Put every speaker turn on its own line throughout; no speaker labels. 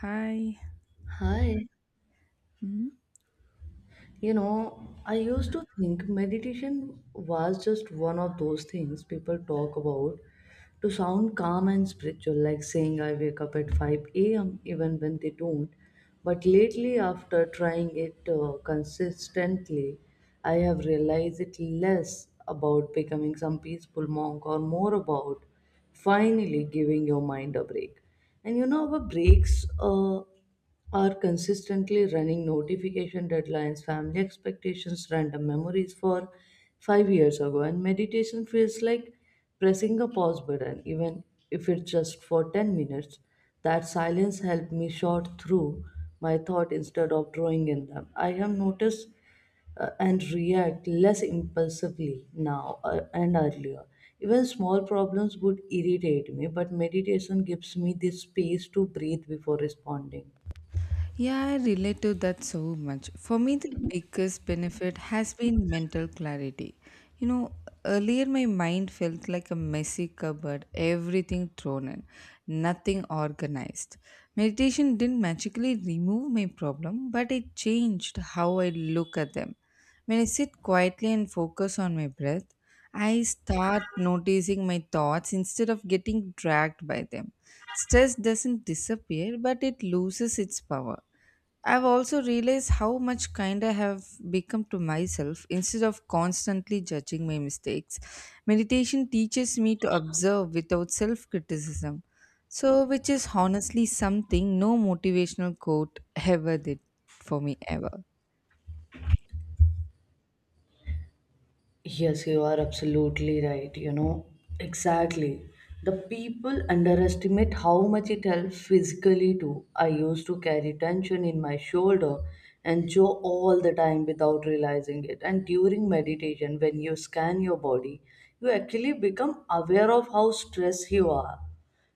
Hi.
Hi.
Mhm.
You know, I used to think meditation was just one of those things people talk about to sound calm and spiritual, like saying I wake up at 5 a.m., even when they don't. But lately, after trying it consistently, I have realized it less about becoming some peaceful monk or more about finally giving your mind a break. And you know, our breaks are consistently running notification deadlines, family expectations, random memories for 5 years ago, and meditation feels like pressing a pause button, even if it's just for 10 minutes. That silence helped me sort through my thought instead of drawing in them. I have noticed and react less impulsively now, and earlier. Even small problems would irritate me, but meditation gives me the space to breathe before responding.
Yeah, I relate to that so much. For me, the biggest benefit has been mental clarity. You know, Earlier my mind felt like a messy cupboard, everything thrown in, nothing organized. Meditation didn't magically remove my problem, but it changed how I look at them. When I sit quietly and focus on my breath, I start noticing my thoughts instead of getting dragged by them. Stress doesn't disappear, but it loses its power. I've also realized how much kind I have become to myself instead of constantly judging my mistakes. Meditation teaches me to observe without self criticism, so, which is honestly something no motivational quote ever did for me ever.
Yes, you are absolutely right. You know, exactly. The people underestimate how much it helps physically too. I used to carry tension in my shoulder and jaw all the time without realizing it. And during meditation, when you scan your body, you actually become aware of how stressed you are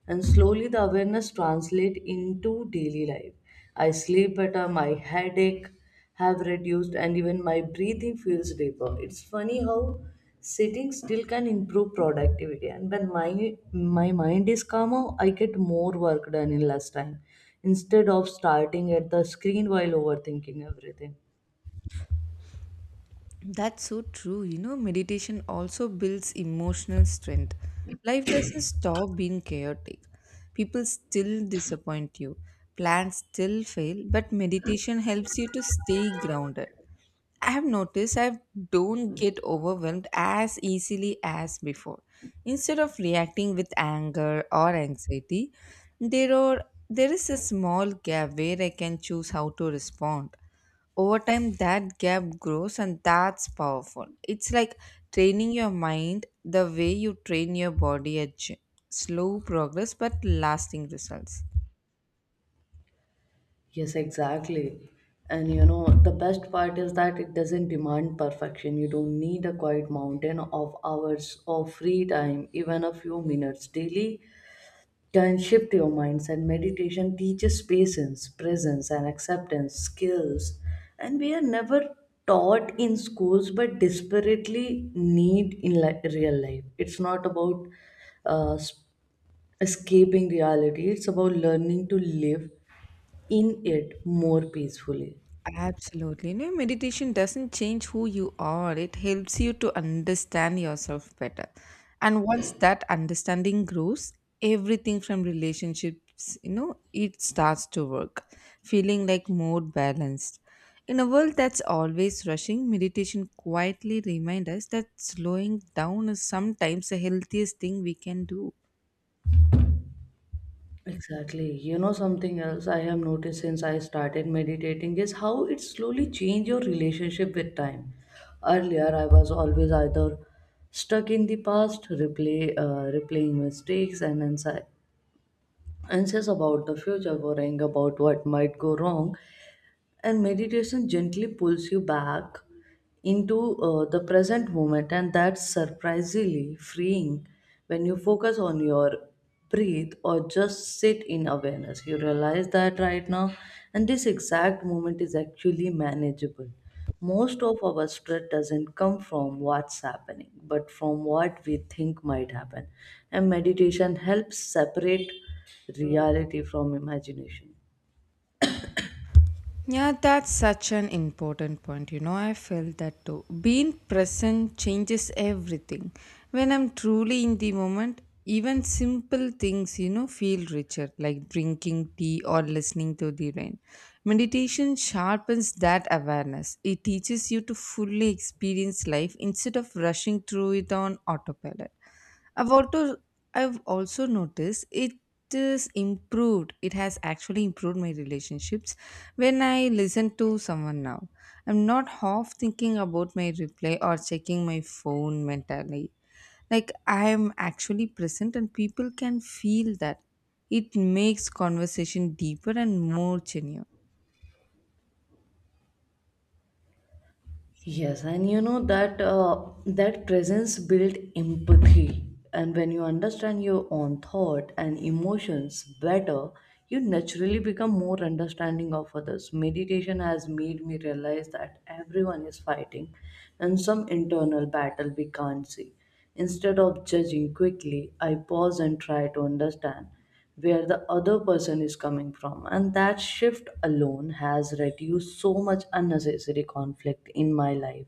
and slowly the awareness translate into daily life. I sleep better, my headache have reduced, and even my breathing feels deeper. It's funny how sitting still can improve productivity, and when my mind is calmer, I get more work done in less time instead of starting at the screen while overthinking everything.
That's so true. Meditation also builds emotional strength. Life doesn't stop being chaotic. People still disappoint you. Plans still fail, but meditation helps you to stay grounded. I have noticed I don't get overwhelmed as easily as before. Instead of reacting with anger or anxiety, there are there is a small gap where I can choose how to respond. Over time that gap grows, and that's powerful. It's like training your mind the way you train your body at gym. Slow progress but lasting results.
Yes, exactly. And you know, the best part is that it doesn't demand perfection. You don't need a quiet mountain of hours of free time, even a few minutes daily can shift your minds. And meditation teaches patience, presence, and acceptance skills. And we are never taught in schools but desperately need in real life. It's not about uh, escaping reality. It's about learning to live in it more peacefully.
Absolutely. No, meditation doesn't change who you are. It helps you to understand yourself better. And once that understanding grows, everything from relationships, it starts to work, feeling like more balanced. In a world that's always rushing, meditation quietly reminds us that slowing down is sometimes the healthiest thing we can do.
Exactly. You know, something else I have noticed since I started meditating is how it slowly changed your relationship with time. Earlier, I was always either stuck in the past, replaying mistakes, and anxious about the future, worrying about what might go wrong. And meditation gently pulls you back into the present moment, and that's surprisingly freeing. When you focus on your breathe or just sit in awareness, you realize that right now and this exact moment is actually manageable. Most of our stress doesn't come from what's happening but from what we think might happen, and meditation helps separate reality from imagination.
Yeah, that's such an important point. I felt that too. Being present changes everything. When I'm truly in the moment, even simple things, feel richer, like drinking tea or listening to the rain. Meditation sharpens that awareness. It teaches you to fully experience life instead of rushing through it on autopilot. I've also I've also noticed it is improved. It has actually improved my relationships. When I listen to someone now, I'm not half thinking about my reply or checking my phone mentally. Like I am actually present and people can feel that. It makes conversation deeper and more genuine.
Yes, and you know that, that presence built empathy, and when you understand your own thought and emotions better, you naturally become more understanding of others. Meditation has made me realize that everyone is fighting and some internal battle we can't see. Instead of judging quickly, I pause and try to understand where the other person is coming from, and that shift alone has reduced so much unnecessary conflict in my life.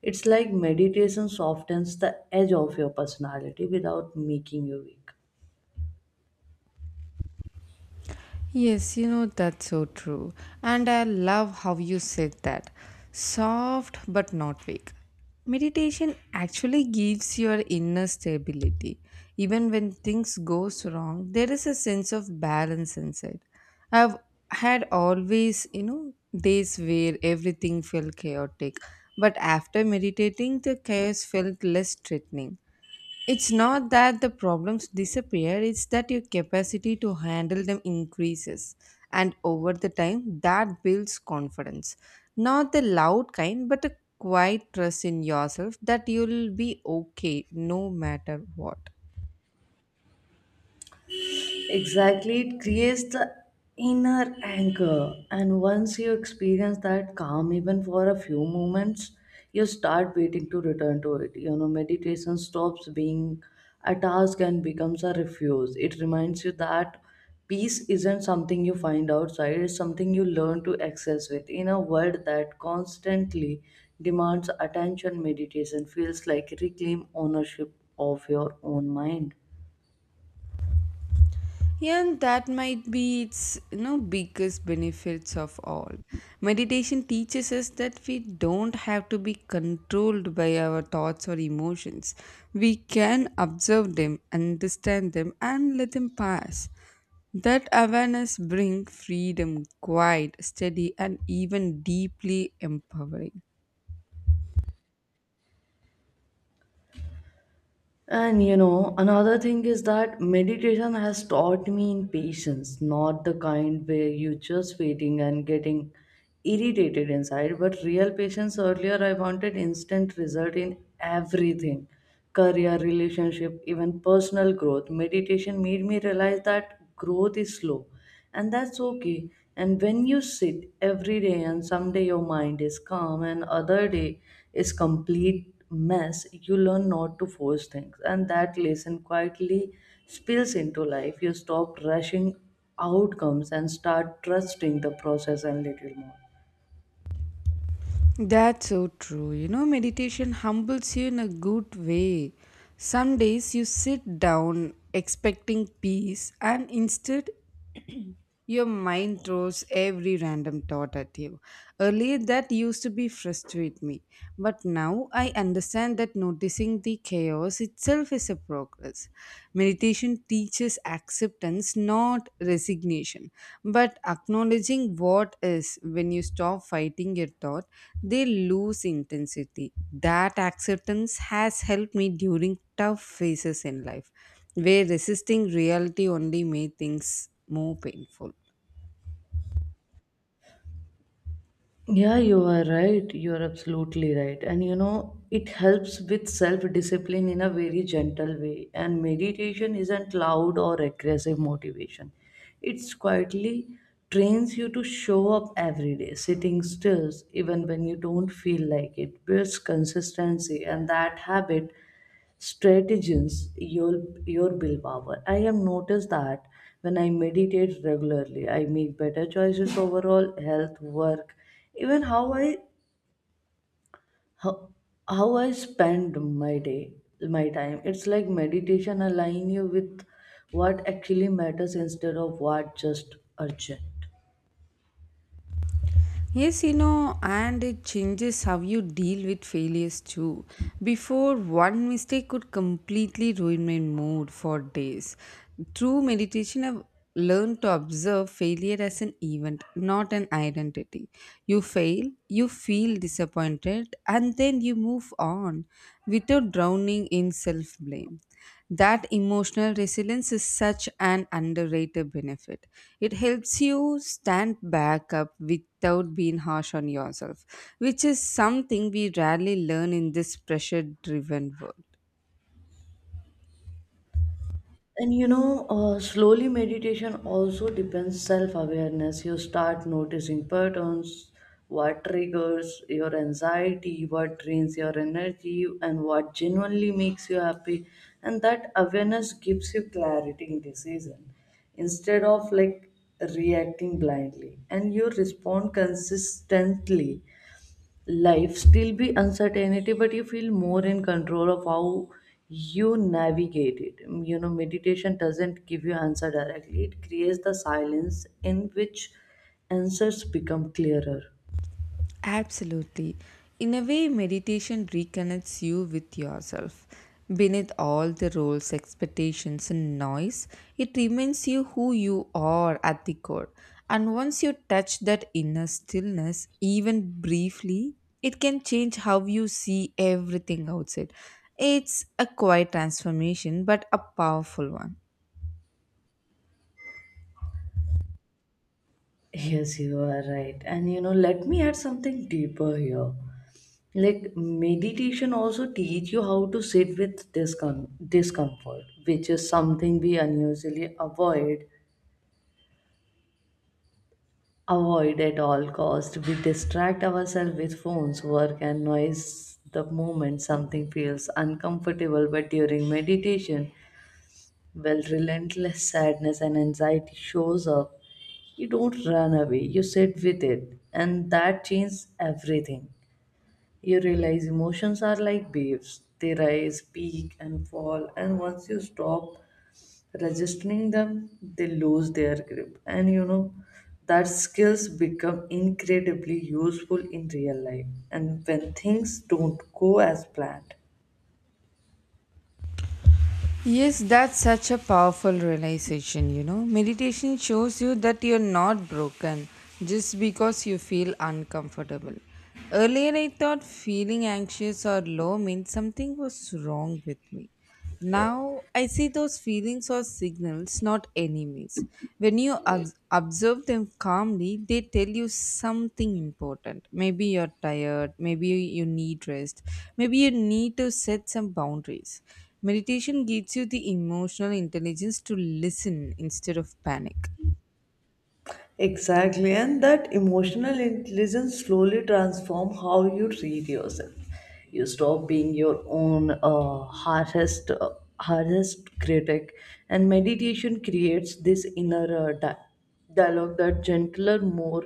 It's like meditation softens the edge of your personality without making you weak.
Yes, that's so true. And I love how you said that. Soft but not weak. Meditation actually gives your inner stability. Even when things goes wrong, there is a sense of balance inside. I've had always, days where everything felt chaotic. But after meditating, the chaos felt less threatening. It's not that the problems disappear, it's that your capacity to handle them increases. And over the time, that builds confidence. Not the loud kind, but a quiet trust in yourself that you'll be okay no matter what.
Exactly, it creates the inner anchor, and once you experience that calm, even for a few moments, you start waiting to return to it. You know, meditation stops being a task and becomes a refuge. It reminds you that peace isn't something you find outside, it's something you learn to access with. In a world that constantly demands attention, meditation feels like reclaim ownership of your own mind.
Yeah, and that might be its biggest benefits of all. Meditation teaches us that we don't have to be controlled by our thoughts or emotions. We can observe them, understand them, and let them pass. That awareness brings freedom, quiet, steady, and even deeply empowering.
And you know, another thing is that meditation has taught me in patience, not the kind where you just waiting and getting irritated inside, but real patience. Earlier, I wanted instant result in everything: career, relationship, even personal growth. Meditation made me realize that growth is slow and that's okay. And when you sit every day and someday your mind is calm and other day is complete mess, you learn not to force things, and that lesson quietly spills into life. You stop rushing outcomes and start trusting the process a little more.
That's so true. Meditation humbles you in a good way. Some days you sit down expecting peace, and instead your mind throws every random thought at you. Earlier, that used to be frustrate me, but now I understand that noticing the chaos itself is a progress. Meditation teaches acceptance, not resignation, but acknowledging what is. When you stop fighting your thought, they lose intensity. That acceptance has helped me during tough phases in life where resisting reality only made things more painful.
Yeah, you are right. You are absolutely right. And you know, it helps with self discipline in a very gentle way. And meditation isn't loud or aggressive motivation, it's quietly trains you to show up every day, sitting still, even when you don't feel like it, builds consistency, and that habit strategies your your willpower. I have noticed that when I meditate regularly I make better choices overall health work, even how I how, how I spend my day, my time. It's like meditation align you with what actually matters instead of what just urgent.
Yes, and it changes how you deal with failures too. Before, one mistake could completely ruin my mood for days. Through meditation, I've learned to observe failure as an event, not an identity. You fail, you feel disappointed, and then you move on without drowning in self blame. That emotional resilience is such an underrated benefit. It helps you stand back up with without being harsh on yourself, which is something we rarely learn in this pressure driven world.
And you know, slowly meditation also depends self awareness. You start noticing patterns, what triggers your anxiety, what drains your energy, and what genuinely makes you happy. And that awareness gives you clarity in decision instead of like reacting blindly. And you respond consistently. Life still be uncertainty but you feel more in control of how you navigate it. Mm, you know meditation doesn't give you answer directly, it creates the silence in which answers become clearer.
Absolutely. In a way, meditation reconnects you with yourself. Beneath all the roles, expectations, and noise, it reminds you who you are at the core. And once you touch that inner stillness, even briefly, it can change how you see everything outside. It's a quiet transformation, but a powerful one.
Yes, you are right, and you know, let me add something deeper here. Like meditation also teach you how to sit with discomfort, which is something we unusually avoid. Avoid at all cost. We distract ourselves with phones, work, and noise the moment something feels uncomfortable. But during meditation, well, relentless sadness and anxiety shows up. You don't run away. You sit with it, and that changes everything. You realize emotions are like waves. They rise, peak, and fall. And once you stop resisting them, they lose their grip. And you know, that skills become incredibly useful in real life and when things don't go as planned.
Yes, that's such a powerful realization, Meditation shows you that you're not broken just because you feel uncomfortable. Earlier, I thought feeling anxious or low meant something was wrong with me. Now, I see those feelings are signals, not enemies. When you observe them calmly, they tell you something important. Maybe you're tired, maybe you need rest, maybe you need to set some boundaries. Meditation gives you the emotional intelligence to listen instead of panic.
Exactly, and that emotional intelligence slowly transform how you treat yourself. You stop being your own hardest critic, and meditation creates this inner dialogue that gentler, more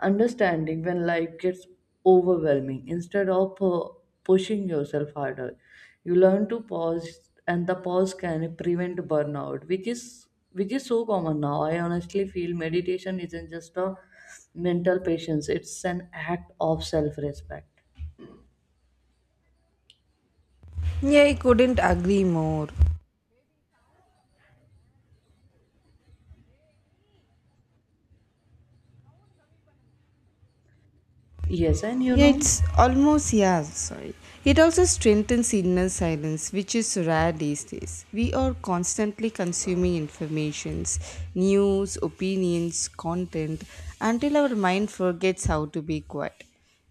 understanding when life gets overwhelming. Instead of pushing yourself harder, you learn to pause, and the pause can prevent burnout, which is so common now. I honestly feel meditation isn't just a mental patience, it's an act of self respect.
Yeah, I couldn't agree more.
Yes, and you
Yeah,
know,
it's almost, yeah, sorry. It also strengthens inner silence, which is rare these days. We are constantly consuming informations, news, opinions, content, until our mind forgets how to be quiet.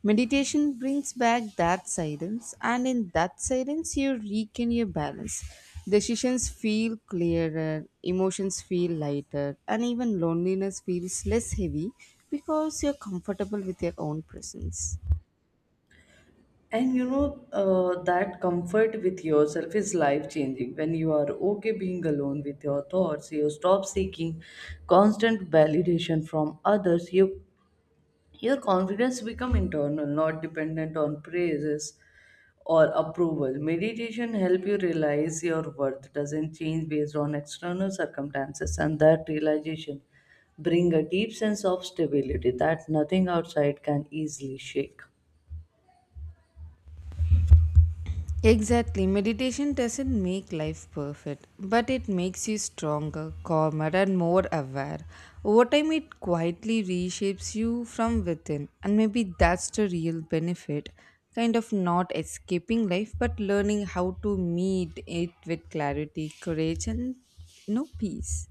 Meditation brings back that silence, and in that silence, you regain your balance. Decisions feel clearer, emotions feel lighter, and even loneliness feels less heavy because you're comfortable with your own presence.
and you know, that comfort with yourself is life changing. When you are okay being alone with your thoughts, you stop seeking constant validation from others. You Your confidence become internal, not dependent on praises or approval. Meditation help you realize your worth doesn't change based on external circumstances, and that realization bring a deep sense of stability that nothing outside can easily shake.
Exactly. Meditation doesn't make life perfect, but it makes you stronger, calmer, and more aware. Over time, it quietly reshapes you from within, and maybe that's the real benefit kind of not escaping life, but learning how to meet it with clarity, courage, and no peace.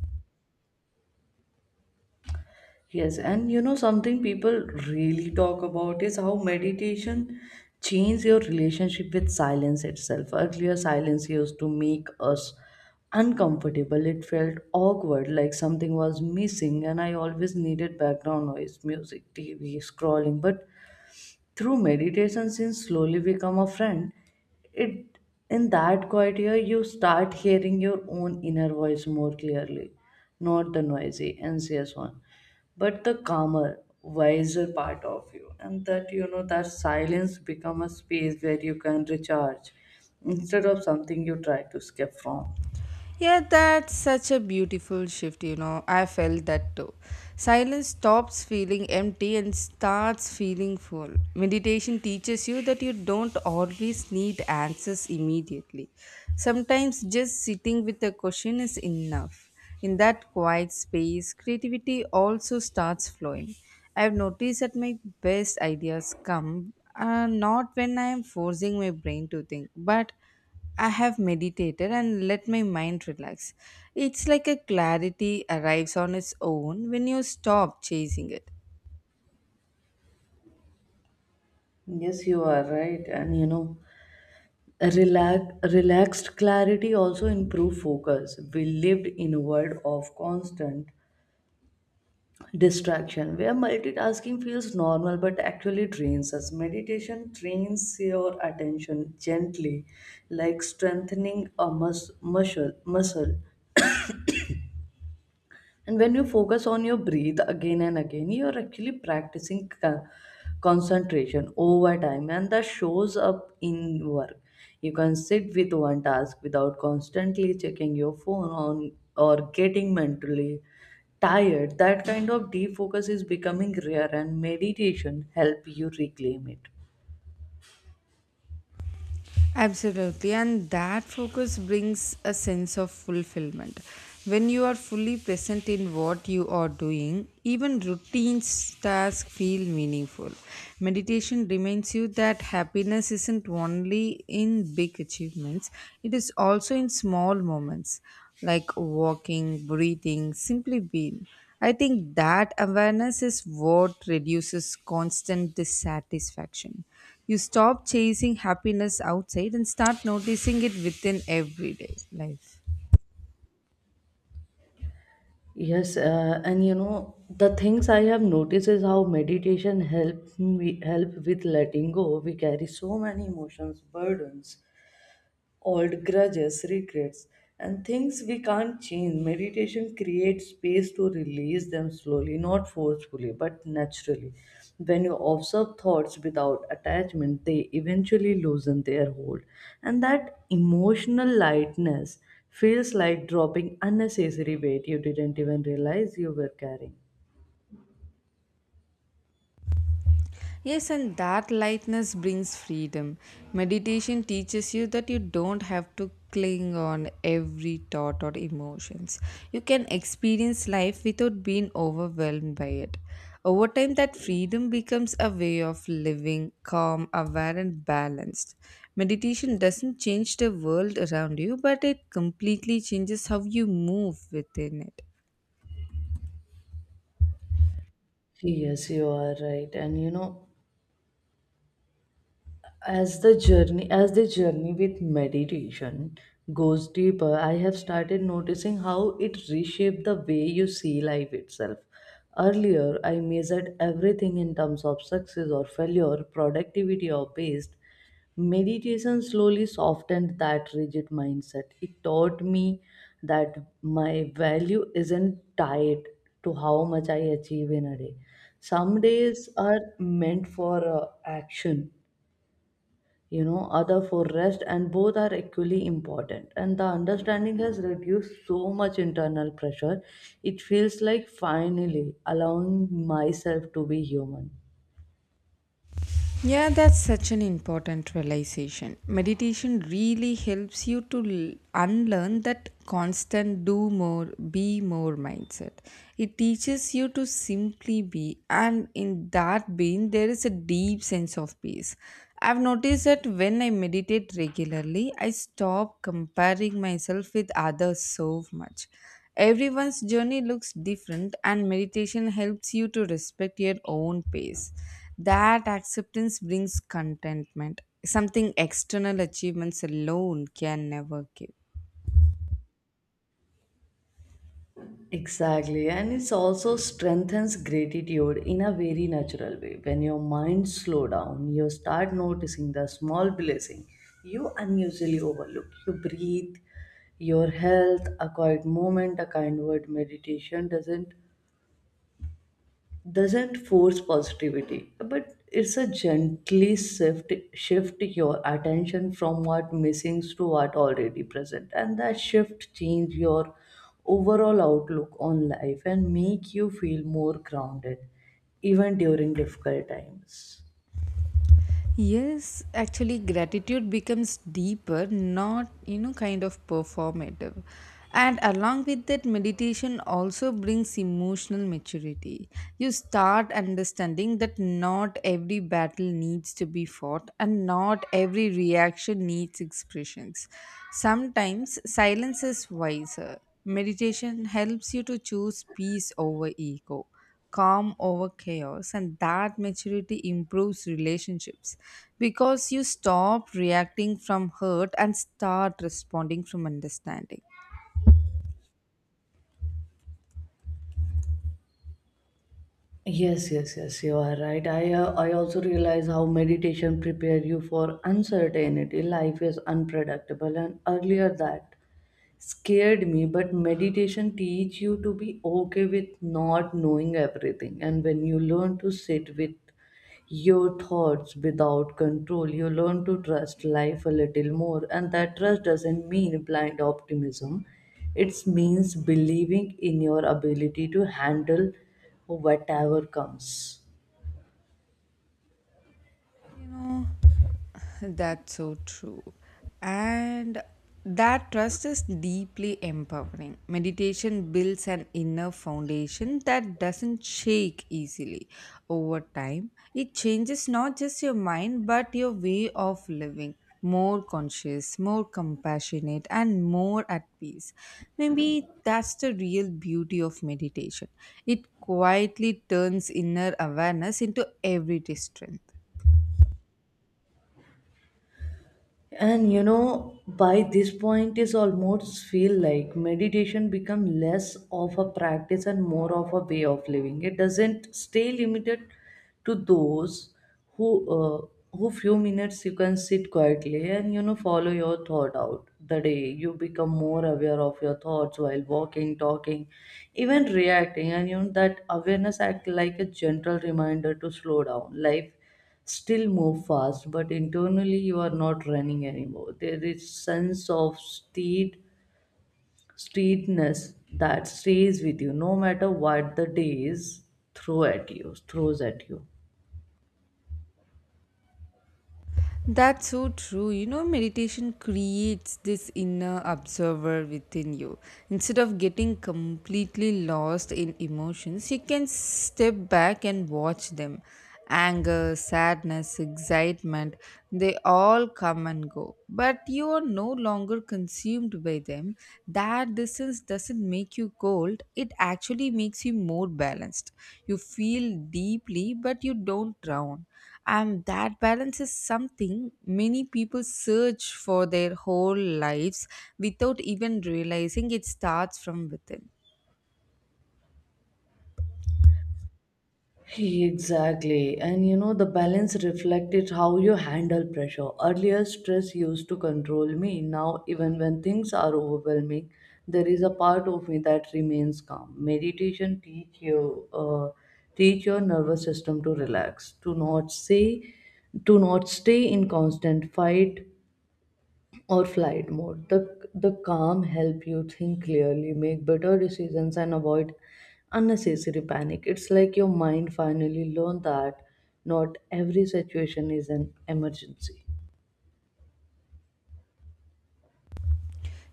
Yes, and you know something people really talk about is how meditation changes your relationship with silence itself. Earlier, silence used to make us uncomfortable. It felt awkward, like something was missing, and I always needed background noise, music, TV, scrolling. But through meditation since slowly become a friend. It, in that quiet year, you start hearing your own inner voice more clearly, not the noisy anxious one but the calmer wiser part of you. And that, you know, that silence become a space where you can recharge instead of something you try to escape from.
Yeah, that's such a beautiful shift, I felt that too. Silence stops feeling empty and starts feeling full. Meditation teaches you that you don't always need answers immediately. Sometimes just sitting with a question is enough. In that quiet space, creativity also starts flowing. I've noticed that my best ideas come not when I am forcing my brain to think, but I have meditated and let my mind relax. It's like a clarity arrives on its own when you stop chasing it.
Yes, you are right. And you know, relaxed clarity also improve focus. We lived inward of constant distraction, where multitasking feels normal but actually drains us. Meditation trains your attention gently, like strengthening a muscle. And when you focus on your breathe again and again, you're actually practicing concentration over time, and that shows up in work. You can sit with one task without constantly checking your phone on or getting mentally tired. That kind of defocus is becoming rare and meditation help you reclaim it.
Absolutely, and that focus brings a sense of fulfillment. When you are fully present in what you are doing, even routine tasks feel meaningful. Meditation reminds you that happiness isn't only in big achievements, it is also in small moments like walking, breathing, simply being. I think that awareness is what reduces constant dissatisfaction. You stop chasing happiness outside and start noticing it within everyday life.
Yes, and you know, the things I have noticed is how meditation help me help with letting go. We carry so many emotions, burdens, old grudges, regrets, and things we can't change. Meditation creates space to release them slowly, not forcefully, but naturally. When you observe thoughts without attachment, they eventually loosen their hold. And that emotional lightness feels like dropping unnecessary weight you didn't even realize you were carrying.
Yes, and that lightness brings freedom. Meditation teaches you that you don't have to cling on every thought or emotions. You can experience life without being overwhelmed by it. Over time, that freedom becomes a way of living calm, aware, and balanced. Meditation doesn't change the world around you, but it completely changes how you move within it.
Yes, you are right. And you know, as the journey with meditation goes deeper, I have started noticing how it reshaped the way you see life itself. Earlier, I measured everything in terms of success or failure, productivity or based. Meditation slowly softened that rigid mindset. It taught me that my value isn't tied to how much I achieve in a day. Some days are meant for action, you know, other for rest, and both are equally important, and the understanding has reduced so much internal pressure. It feels like finally allowing myself to be human.
Yeah, that's such an important realization. Meditation really helps you to unlearn that constant do more, be more mindset. It teaches you to simply be, and in that being, there is a deep sense of peace. I've noticed that when I meditate regularly, I stop comparing myself with others so much. Everyone's journey looks different, and meditation helps you to respect your own pace. That acceptance brings contentment, something external achievements alone can never give.
Exactly, and it also strengthens gratitude in a very natural way. When your mind slow down, you start noticing the small blessing you unusually overlook. You breathe, your health, a quiet moment, a kind word. Meditation doesn't force positivity, but it's a gently shift your attention from what missing to what already present, and that shift change your overall outlook on life and make you feel more grounded even during difficult times.
Yes, actually, gratitude becomes deeper, not, kind of performative. And along with that, meditation also brings emotional maturity. You start understanding that not every battle needs to be fought and not every reaction needs expressions. Sometimes silence is wiser. Meditation helps you to choose peace over ego, calm over chaos, and that maturity improves relationships because you stop reacting from hurt and start responding from understanding.
Yes, yes, yes, you are right. I also realize how meditation prepare you for uncertainty. Life is unpredictable, and earlier that scared me, but meditation teach you to be okay with not knowing everything. And when you learn to sit with your thoughts without control, you learn to trust life a little more, and that trust doesn't mean blind optimism, it means believing in your ability to handle whatever comes.
You know, that's so true. And that trust is deeply empowering. Meditation builds an inner foundation that doesn't shake easily. Over time, it changes not just your mind but your way of living. More conscious, more compassionate, and more at peace. Maybe that's the real beauty of meditation. It quietly turns inner awareness into everyday strength.
And you know, by this point is almost feel like meditation become less of a practice and more of a way of living. It doesn't stay limited to those who uh, who few minutes you can sit quietly, and you know, follow your thought out the day. You become more aware of your thoughts while walking, talking, even reacting, and you know that awareness act like a gentle reminder to slow down. Life still move fast, but internally you are not running anymore. There is sense of steadiness that stays with you no matter what the day is throws at you.
That's so true. Meditation creates this inner observer within you. Instead of getting completely lost in emotions, you can step back and watch them. Anger, sadness, excitement, they all come and go. But you are no longer consumed by them. That distance doesn't make you cold, it actually makes you more balanced. You feel deeply, but you don't drown. And that balance is something many people search for their whole lives without even realizing it starts from within.
Exactly. And you know, the balance reflected how you handle pressure. Earlier, stress used to control me. Now, even when things are overwhelming, there is a part of me that remains calm. Meditation teach your nervous system to relax, to not stay in constant fight or flight mode. The calm help you think clearly, make better decisions, and avoid unnecessary panic. It's like your mind finally learned that not every situation is an emergency.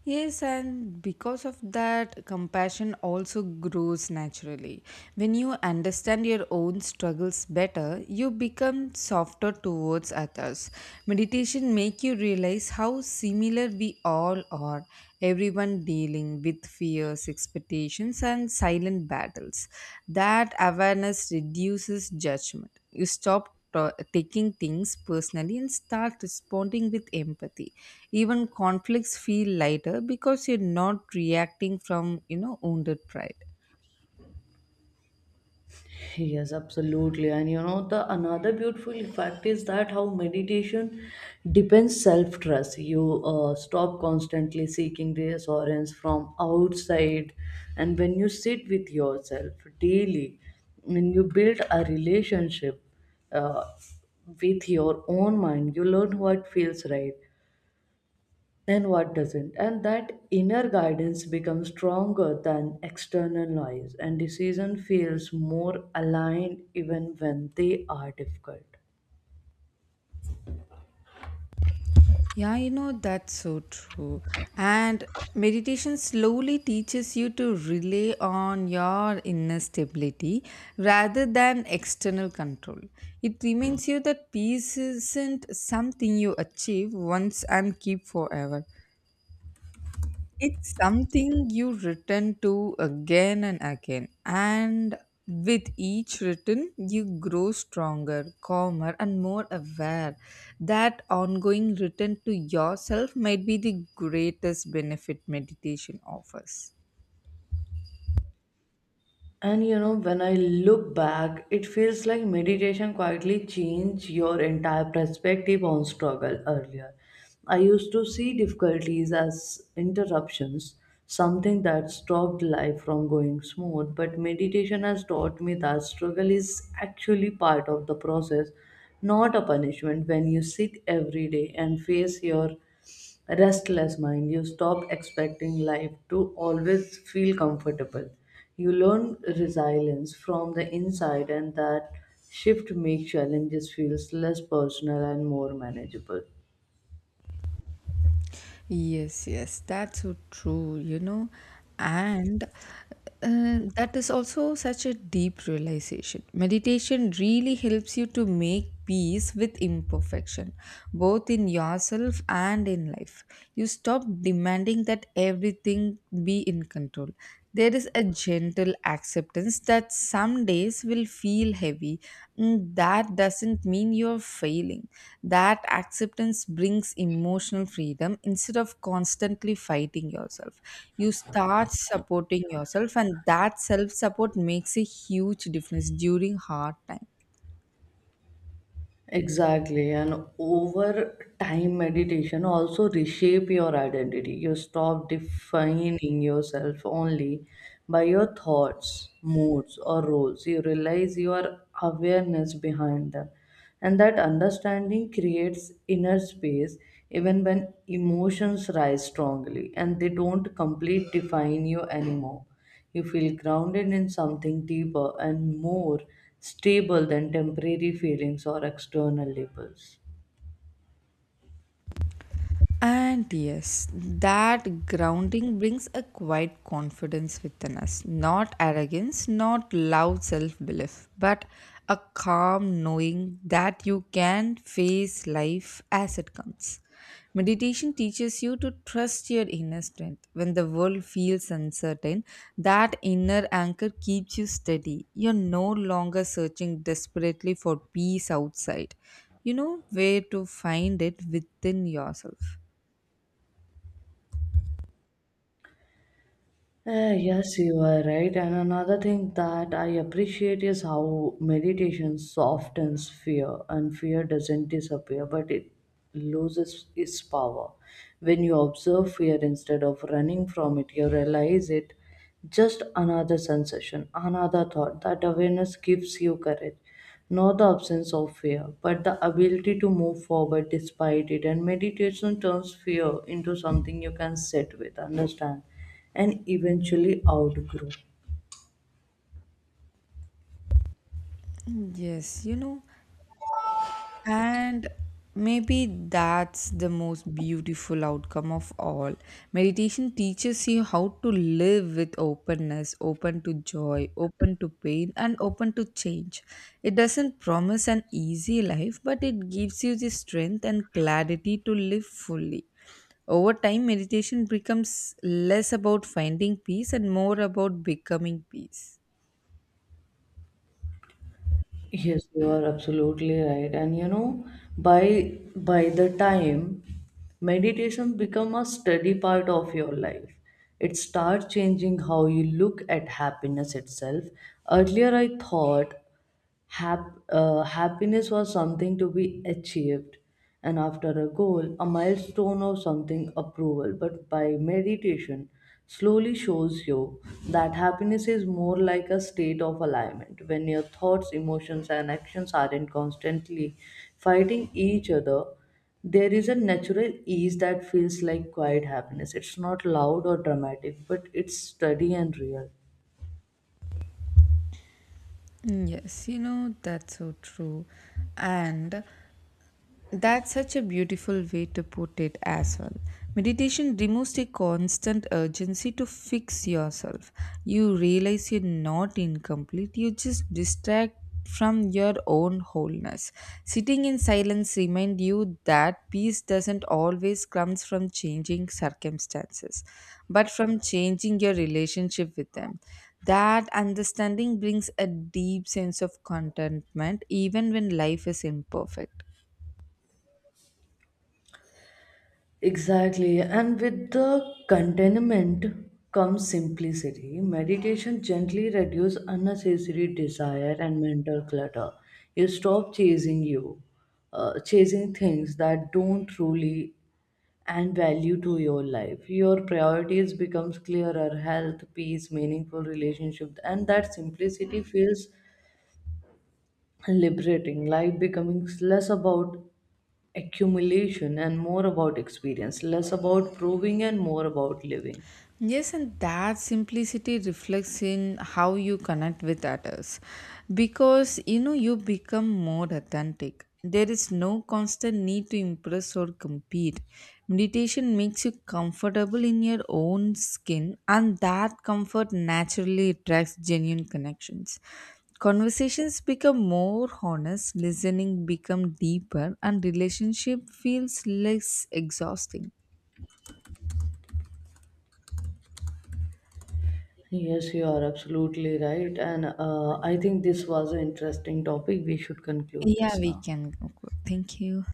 Yes, and because of that, compassion also grows naturally. When you understand your own struggles better, you become softer towards others. Meditation make you realize how similar we all are, everyone dealing with fears, expectations and silent battles. That awareness reduces judgment. You stop taking things personally and start responding with empathy. Even conflicts feel lighter because you're not reacting from, wounded pride.
Yes, absolutely. And you know, the another beautiful fact is that how meditation depends self trust. You stop constantly seeking reassurance from outside, and when you sit with yourself daily, and you build a relationship uh, with your own mind, you learn what feels right and what doesn't. And that inner guidance becomes stronger than external noise, and decision feels more aligned even when they are difficult.
Yeah, that's so true. And meditation slowly teaches you to rely on your inner stability rather than external control. It reminds you that peace isn't something you achieve once and keep forever. It's something you return to again and again, and with each return, you grow stronger, calmer, and more aware. That ongoing return to yourself might be the greatest benefit meditation offers.
And you know, when I look back, it feels like meditation quietly changed your entire perspective on struggle. Earlier, I used to see difficulties as interruptions, something that stopped life from going smooth, but meditation has taught me that struggle is actually part of the process, not a punishment. When you sit every day and face your restless mind, you stop expecting life to always feel comfortable. You learn resilience from the inside, and that shift makes challenges feels less personal and more manageable.
Yes, yes, that's so true, and that is also such a deep realization. Meditation really helps you to make peace with imperfection, both in yourself and in life. You stop demanding that everything be in control. There is a gentle acceptance that some days will feel heavy. Mm, that doesn't mean you're failing. That acceptance brings emotional freedom instead of constantly fighting yourself. You start supporting yourself, and that self support makes a huge difference during hard times.
Exactly. And over time, meditation also reshape your identity. You stop defining yourself only by your thoughts, moods, or roles. You realize your awareness behind them. And that understanding creates inner space even when emotions rise strongly, and they don't complete define you anymore. You feel grounded in something deeper and more stable than temporary feelings or external labels.
And yes, that grounding brings a quiet confidence within us. Not arrogance, not loud self belief, but a calm knowing that you can face life as it comes. Meditation teaches you to trust your inner strength. When the world feels uncertain, that inner anchor keeps you steady. You're no longer searching desperately for peace outside. You know where to find it within yourself.
Yes, you are right. And another thing that I appreciate is how meditation softens fear, and fear doesn't disappear, but it loses its power. When you observe fear instead of running from it, you realize it just another sensation, another thought. That awareness gives you courage, not the absence of fear, but the ability to move forward despite it. And meditation turns fear into something you can sit with, understand, and eventually outgrow.
Yes, and maybe that's the most beautiful outcome of all. Meditation teaches you how to live with openness, open to joy, open to pain, and open to change. It doesn't promise an easy life, but it gives you the strength and clarity to live fully. Over time, meditation becomes less about finding peace and more about becoming peace.
Yes, you are absolutely right. And you know, by the time meditation become a steady part of your life, it starts changing how you look at happiness itself. Earlier, I thought happiness was something to be achieved, and after a goal, a milestone, or something approval. But by meditation, slowly shows you that happiness is more like a state of alignment when your thoughts, emotions, and actions aren't constantly fighting each other. There is a natural ease that feels like quiet happiness. It's not loud or dramatic, but it's steady and real.
Yes, that's so true. And that's such a beautiful way to put it as well. Meditation removes the constant urgency to fix yourself. You realize you're not incomplete, you just distract from your own wholeness. Sitting in silence reminds you that peace doesn't always comes from changing circumstances, but from changing your relationship with them. That understanding brings a deep sense of contentment even when life is imperfect.
Exactly, and with the contentment comes simplicity. Meditation gently reduces unnecessary desire and mental clutter. You stop chasing things that don't truly and value to your life. Your priorities becomes clearer, health, peace, meaningful relationship, and that simplicity feels liberating. Life becoming less about accumulation and more about experience, less about proving and more about living.
Yes, and that simplicity reflects in how you connect with others because you become more authentic. There is no constant need to impress or compete. Meditation makes you comfortable in your own skin, and that comfort naturally attracts genuine connections. Conversations become more honest, listening become deeper, and relationship feels less exhausting.
Yes, you are absolutely right. And I think this was an interesting topic. We should conclude
Yeah,
this
we
now.
can conclude. Thank you.